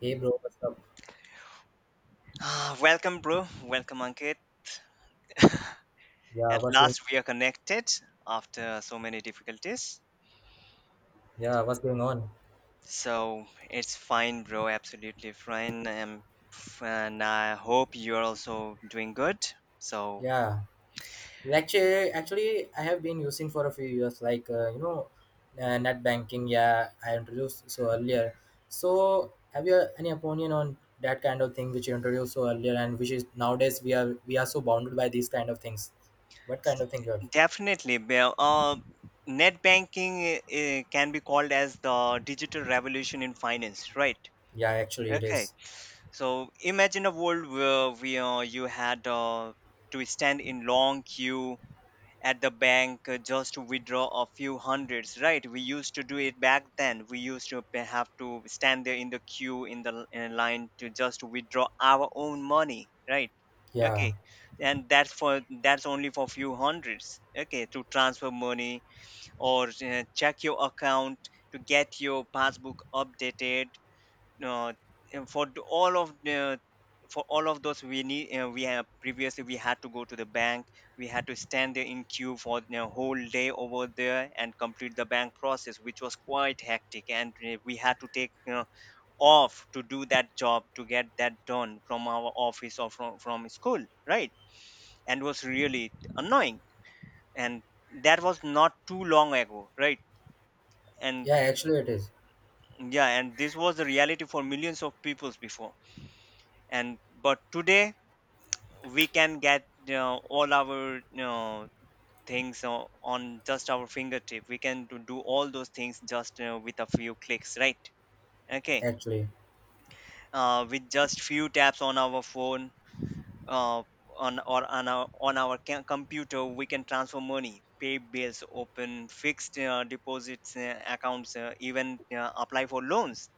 Hey bro, what's up? Ah, welcome, bro. Welcome, Ankit. Yeah, At what's going? last, we are connected after so many difficulties. Yeah, what's going on? So it's fine, bro. Absolutely fine. And I hope you're also doing good. So Yeah, actually, I have been using for a few years, like net banking. Yeah, I introduced so earlier. So, have you any opinion on that kind of thing which you introduced so earlier, and which is nowadays we are so bounded by these kind of things? What kind s- of thing you have? Definitely, bro. Net banking can be called as the digital revolution in finance, right? Yeah, actually, it Okay. is. So imagine a world where we you had to stand in long queue at the bank just to withdraw a few hundreds, right? We used to do it back then. We used to have to stand there in the queue, in line, to just withdraw our own money, right? Yeah, Okay. And that's only for few hundreds, okay, to transfer money, or check your account, to get your passbook updated, uh, and for all of those we have previously, we had to go to the bank. We had to stand there in queue for the whole day over there and complete the bank process, which was quite hectic, and we had to take off to do that job, to get that done from our office or from school, right? And was really annoying. And that was not too long ago, right? And yeah, actually, it is. yeah, and this was the reality for millions of peoples before. And but today, we can get all our things on just our fingertip. We can do all those things just with a few clicks, right? Okay. Actually, With just few taps on our phone, uh, on our computer, we can transfer money, pay bills, open fixed deposits, accounts, even apply for loans.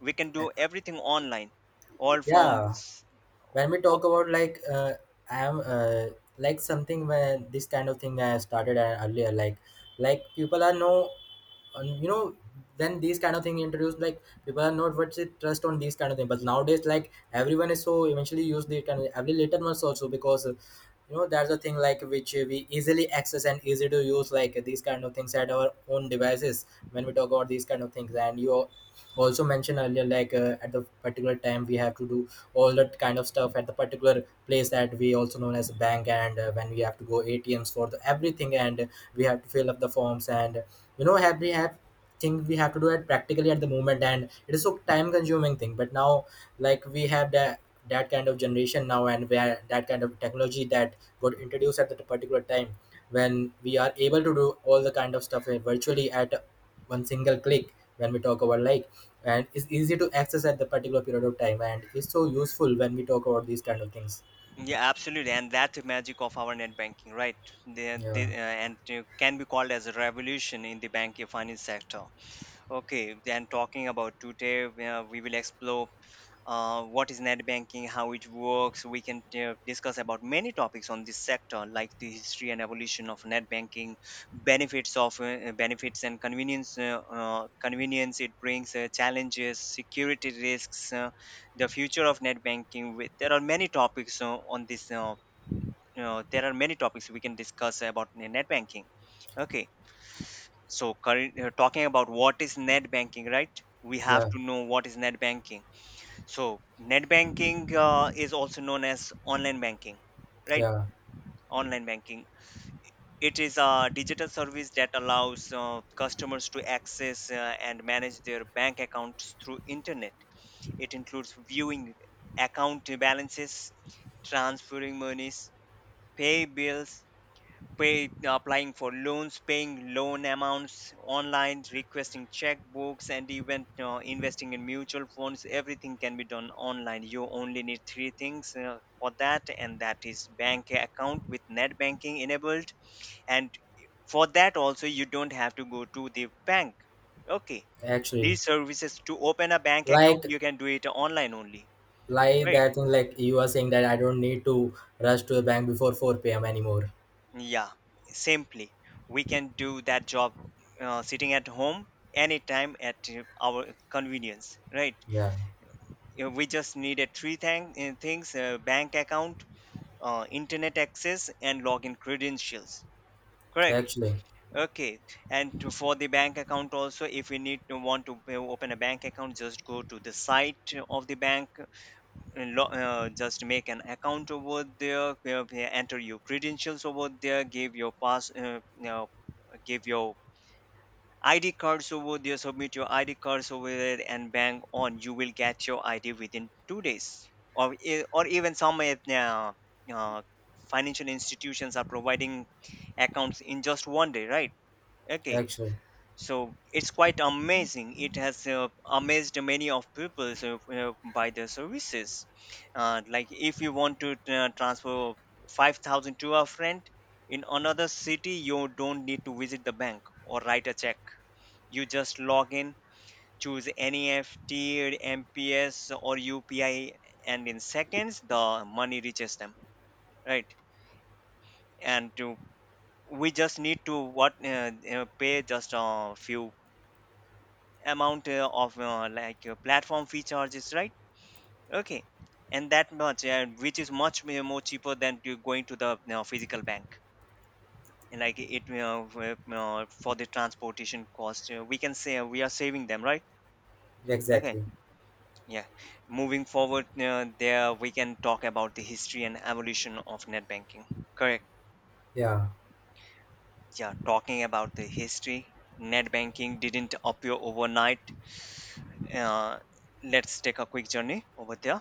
We can Uh, do everything online, all from... yeah, when we talk about like I am like something where this kind of thing I started earlier, like people are no um, you know when these kind of thing introduced, like people are not what's it trust on these kind of thing, but nowadays like everyone is so eventually use the kind of every later months also because that's a thing like which we easily access and easy to use like these kind of things at our own devices when we talk about these kind of things. And you also mentioned earlier like at the particular time we have to do all that kind of stuff at the particular place that we also known as a bank, and when we have to go atms for the everything, and we have to fill up the forms, and have we have thing we have to do it practically at the moment, and it is so time consuming thing. But now like we have that that kind of generation now, and where that kind of technology that got introduced at that particular time, when we are able to do all the kind of stuff virtually at one single click when we talk about like, and it's easy to access at the particular period of time, and it's so useful when we talk about these kind of things. Yeah, absolutely, and that's the magic of our net banking, right? They, yeah and can be called as a revolution in the banking finance sector. Okay, then talking about today, we will explore what is net banking, how it works. We can discuss about many topics on this sector, like the history and evolution of net banking, benefits and convenience, convenience it brings, challenges, security risks, the future of net banking. With there are many topics on this. There are many topics we can discuss about net banking. Okay. So current talking about what is net banking, right? We have yeah to know what is net banking. So net banking is also known as online banking, right? yeah Online banking, it is a digital service that allows customers to access and manage their bank accounts through internet. It includes viewing account balances, transferring monies, pay bills, applying for loans, paying loan amounts online, requesting checkbooks, and even investing in mutual funds. Everything can be done online. You only need three things for that, and that is bank account with net banking enabled. And for that also, you don't have to go to the bank. Okay, actually, these services, to open a bank account, like you can do it online only. like Right. that thing, like you are saying, that I don't need to rush to the bank before 4 p.m anymore. Yeah, simply. We can do that job sitting at home anytime at our convenience, right? Yeah, We just needed three things: bank account, internet access, and login credentials. Correct. actually Okay. And for the bank account also, if we need to want to open a bank account, just go to the site of the bank, just make an account over there, where they enter your credentials over there, give your pass you know, give your id cards over there, submit your id cards over there, and bang on, you will get your id within 2 days, or even some uh, financial institutions are providing accounts in just one day, right? Okay. actually So it's quite amazing. It has amazed many of people, by the services. Like if you want to transfer 5,000 to a friend in another city, you don't need to visit the bank or write a check. You just log in, choose NEFT, mps, or UPI, and in seconds the money reaches them, right? and to, we just need to what pay just a few amount of like platform fee charges, right? Okay. And that much, which is much more cheaper than you going to the physical bank. And like it w- For the transportation cost, we can say we are saving them, right? Okay. exactly. Yeah, moving forward, there we can talk about the history and evolution of net banking, correct? yeah Yeah, talking about the history, net banking didn't appear overnight. uh, let's take a quick journey over there.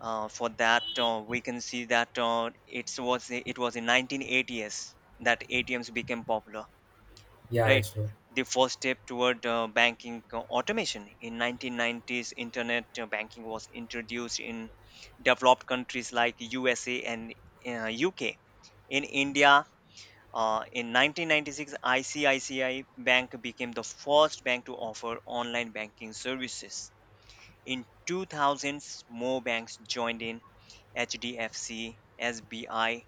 For that We can see that it was in 1980s that ATMs became popular, yeah right? actually. The first step toward banking automation. In 1990s internet banking was introduced in developed countries like USA and UK. In India, in 1996, ICICI Bank became the first bank to offer online banking services. In 2000s, more banks joined in: HDFC, SBI,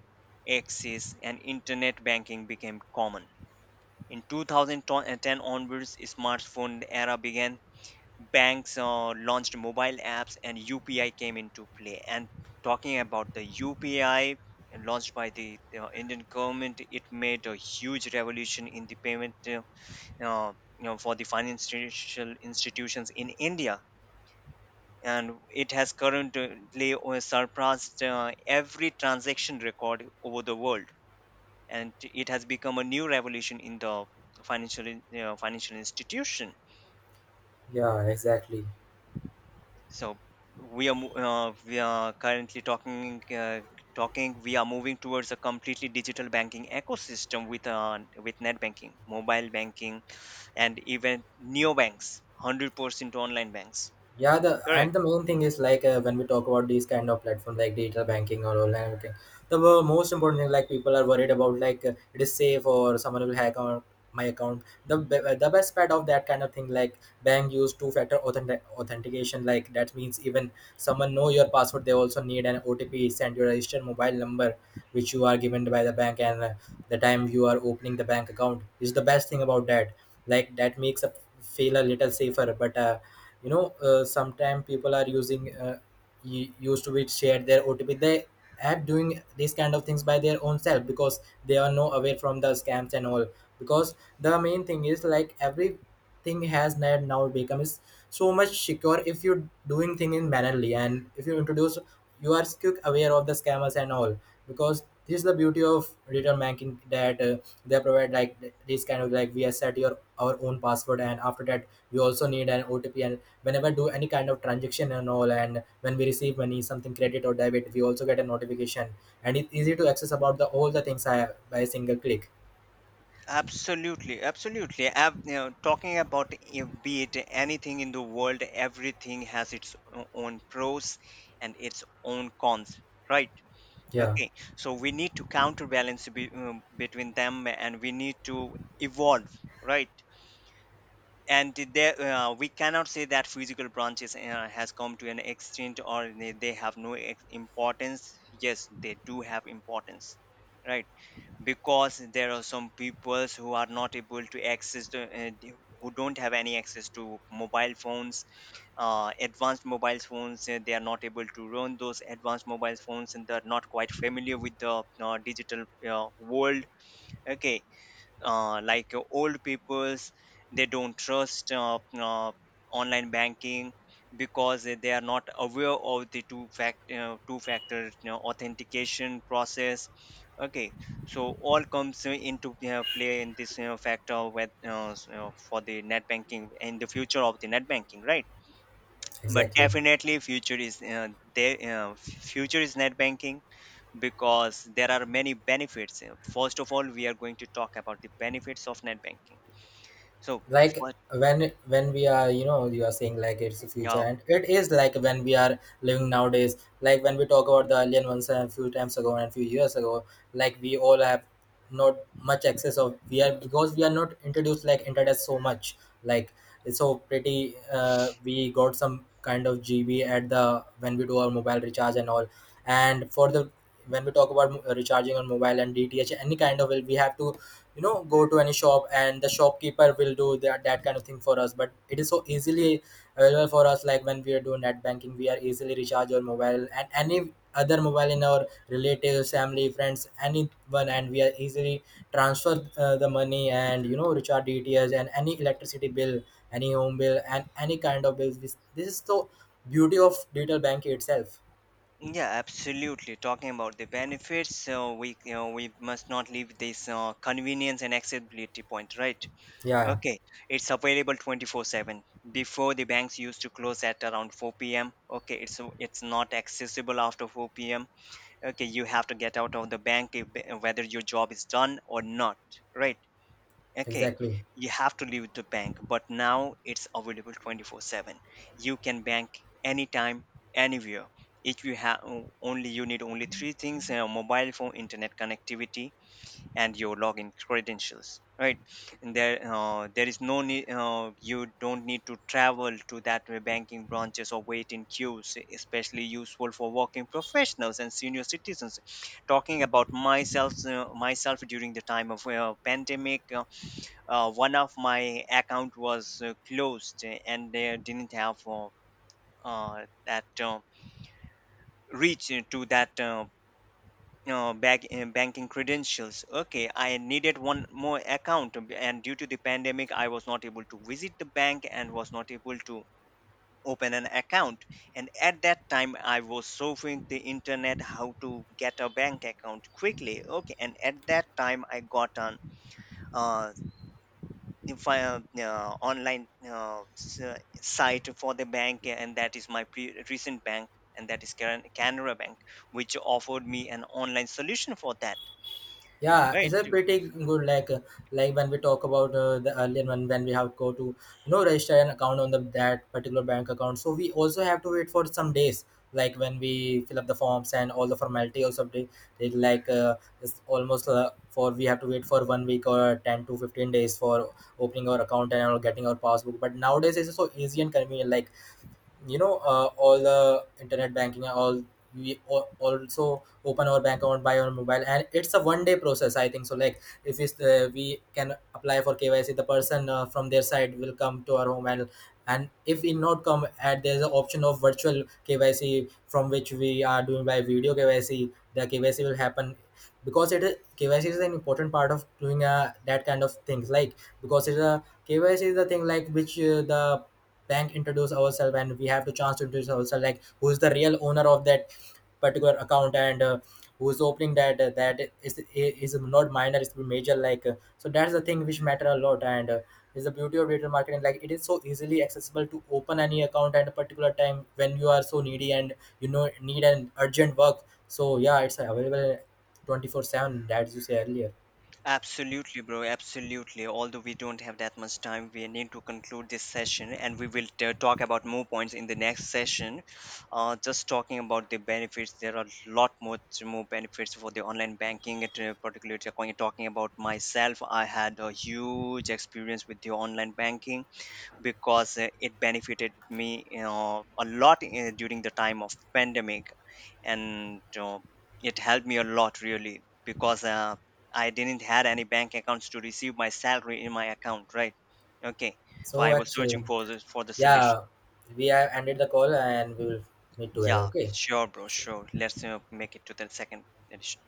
Axis, and internet banking became common. In 2010 onwards, smartphone era began. Banks launched mobile apps, and UPI came into play. And talking about the UPI launched by the Indian government, it made a huge revolution in the payment, for the financial institutions in India, and it has currently surpassed every transaction record over the world, and it has become a new revolution in the financial financial institution. Yeah, exactly. So we are currently talking talking we are moving towards a completely digital banking ecosystem with, with net banking, mobile banking, and even neobanks, 100% online banks, Yeah, the and correct. the main thing is like when we talk about these kind of platforms, like digital banking or online banking, the most important thing, like people are worried about like it is safe or someone will hack on my account. The the best part of that kind of thing, like bank use two factor authentication, like that means even someone know your password, they also need an otp send your registered mobile number which you are given by the bank, and the time you are opening the bank account, is the best thing about that. Like that makes a feel a little safer, but sometimes people are using used to be share their otp. They have doing these kind of things by their own self because they are no aware from the scams and all, because the main thing is like everything has now become is so much secure if you're doing thing in mannerly, and if you introduce you are quick aware of the scammers and all, because this is the beauty of return banking that they provide like this kind of like we have set your our own password, and after that we also need an otp, and whenever do any kind of transaction and all, and when we receive money something credit or debit, we also get a notification, and it's easy to access about the all the things I have by a single click. Absolutely, absolutely. You know, talking about, be it anything in the world, everything has its own pros and its own cons, right? Yeah, Okay, so we need to counterbalance between them, and we need to evolve, right? And there, we cannot say that physical branches has come to an extent, or they have no importance. Yes, they do have importance, right? Because there are some peoples who are not able to access who don't have any access to mobile phones, advanced mobile phones. They are not able to run those advanced mobile phones, and they're not quite familiar with the digital world. Okay. Like old peoples, they don't trust online banking, because they are not aware of the two factor authentication process. Okay. So all comes into play in this factor, for the net banking and the future of the net banking, right? But exactly. definitely future is, there future is net banking, because there are many benefits. First of all, we are going to talk about the benefits of net banking. So, Like what? when we are you are saying like it's the future, Yeah, and it is like when we are living nowadays, like when we talk about the alien ones a few times ago and a few years ago. Like we all have not much access of, we are because we are not introduced like internet so much. Like it's so pretty, we got some kind of gb at the when we do our mobile recharge and all. And for the when we talk about recharging on mobile and dth any kind of it, we have to go to any shop and the shopkeeper will do that kind of thing for us. But it is so easily available for us, like when we are doing net banking, we are easily recharge our mobile and any other mobile in our relatives, family, friends, anyone, and we are easily transfer the money, and recharge dts and any electricity bill, any home bill, and any kind of bills. This is the beauty of digital banking itself. yeah, absolutely. Talking about the benefits, so we, we must not leave this convenience and accessibility point, right? Yeah, Okay, it's available 24/7. Before, the banks used to close at around 4 p.m. Okay, it's not accessible after 4 p.m. Okay, you have to get out of the bank, if, whether your job is done or not, right? Okay, exactly. you have to leave the bank, but now it's available 24/7. You can bank anytime, anywhere. If you have Only you need only three things: a mobile phone, internet connectivity, and your login credentials, right? And there is no need. You don't need to travel to that banking branches or wait in queues, especially useful for working professionals and senior citizens. Talking about myself, myself during the time of pandemic, one of my account was closed, and they didn't have that reach to that, bank, banking credentials. Okay, I needed one more account. And due to the pandemic, I was not able to visit the bank, and was not able to open an account. And at that time, I was surfing the internet how to get a bank account quickly. Okay, and at that time, I got an uh, if online site for the bank, and that is my recent bank, and that is canara Bank, which offered me an online solution for that, Yeah, right. it's a pretty good, like when we talk about the earlier one, when we have go to register an account on the that particular bank account. So we also have to wait for some days, like when we fill up the forms and all the formality also, they like it's almost for we have to wait for 1 week or 10 to 15 days for opening our account and or getting our passbook. But nowadays it's so easy and convenient. Like all the internet banking and all, we also open our bank account by our mobile, and it's a 1 day process I think so. Like if it's, we can apply for kyc, the person from their side will come to our home, and if it not come, and there's an option of virtual kyc, from which we are doing by video kyc, the kyc will happen, because it is kyc is an important part of doing that kind of things. Like because it's a KYC is the thing like which the bank introduce ourselves, and we have the chance to introduce ourselves like who's the real owner of that particular account, and who's opening that that is not minor it's major, like so that's the thing which matter a lot, and is the beauty of digital marketing. Like it is so easily accessible to open any account at a particular time when you are so needy, and need an urgent work. So yeah, it's available 24/7 that you say earlier. Absolutely, bro. Absolutely. Although we don't have that much time, we need to conclude this session, and we will talk about more points in the next session. Just talking about the benefits, there are more benefits for the online banking. Particularly talking about myself, I had a huge experience with the online banking, because it benefited me a lot during the time of pandemic. And it helped me a lot, really, because I didn't had any bank accounts to receive my salary in my account, right? Okay. So I So was actually, searching for the solution. yeah, we have ended the call, and we will meet together. Yeah, Okay. sure, bro, sure. Let's make it to the second edition.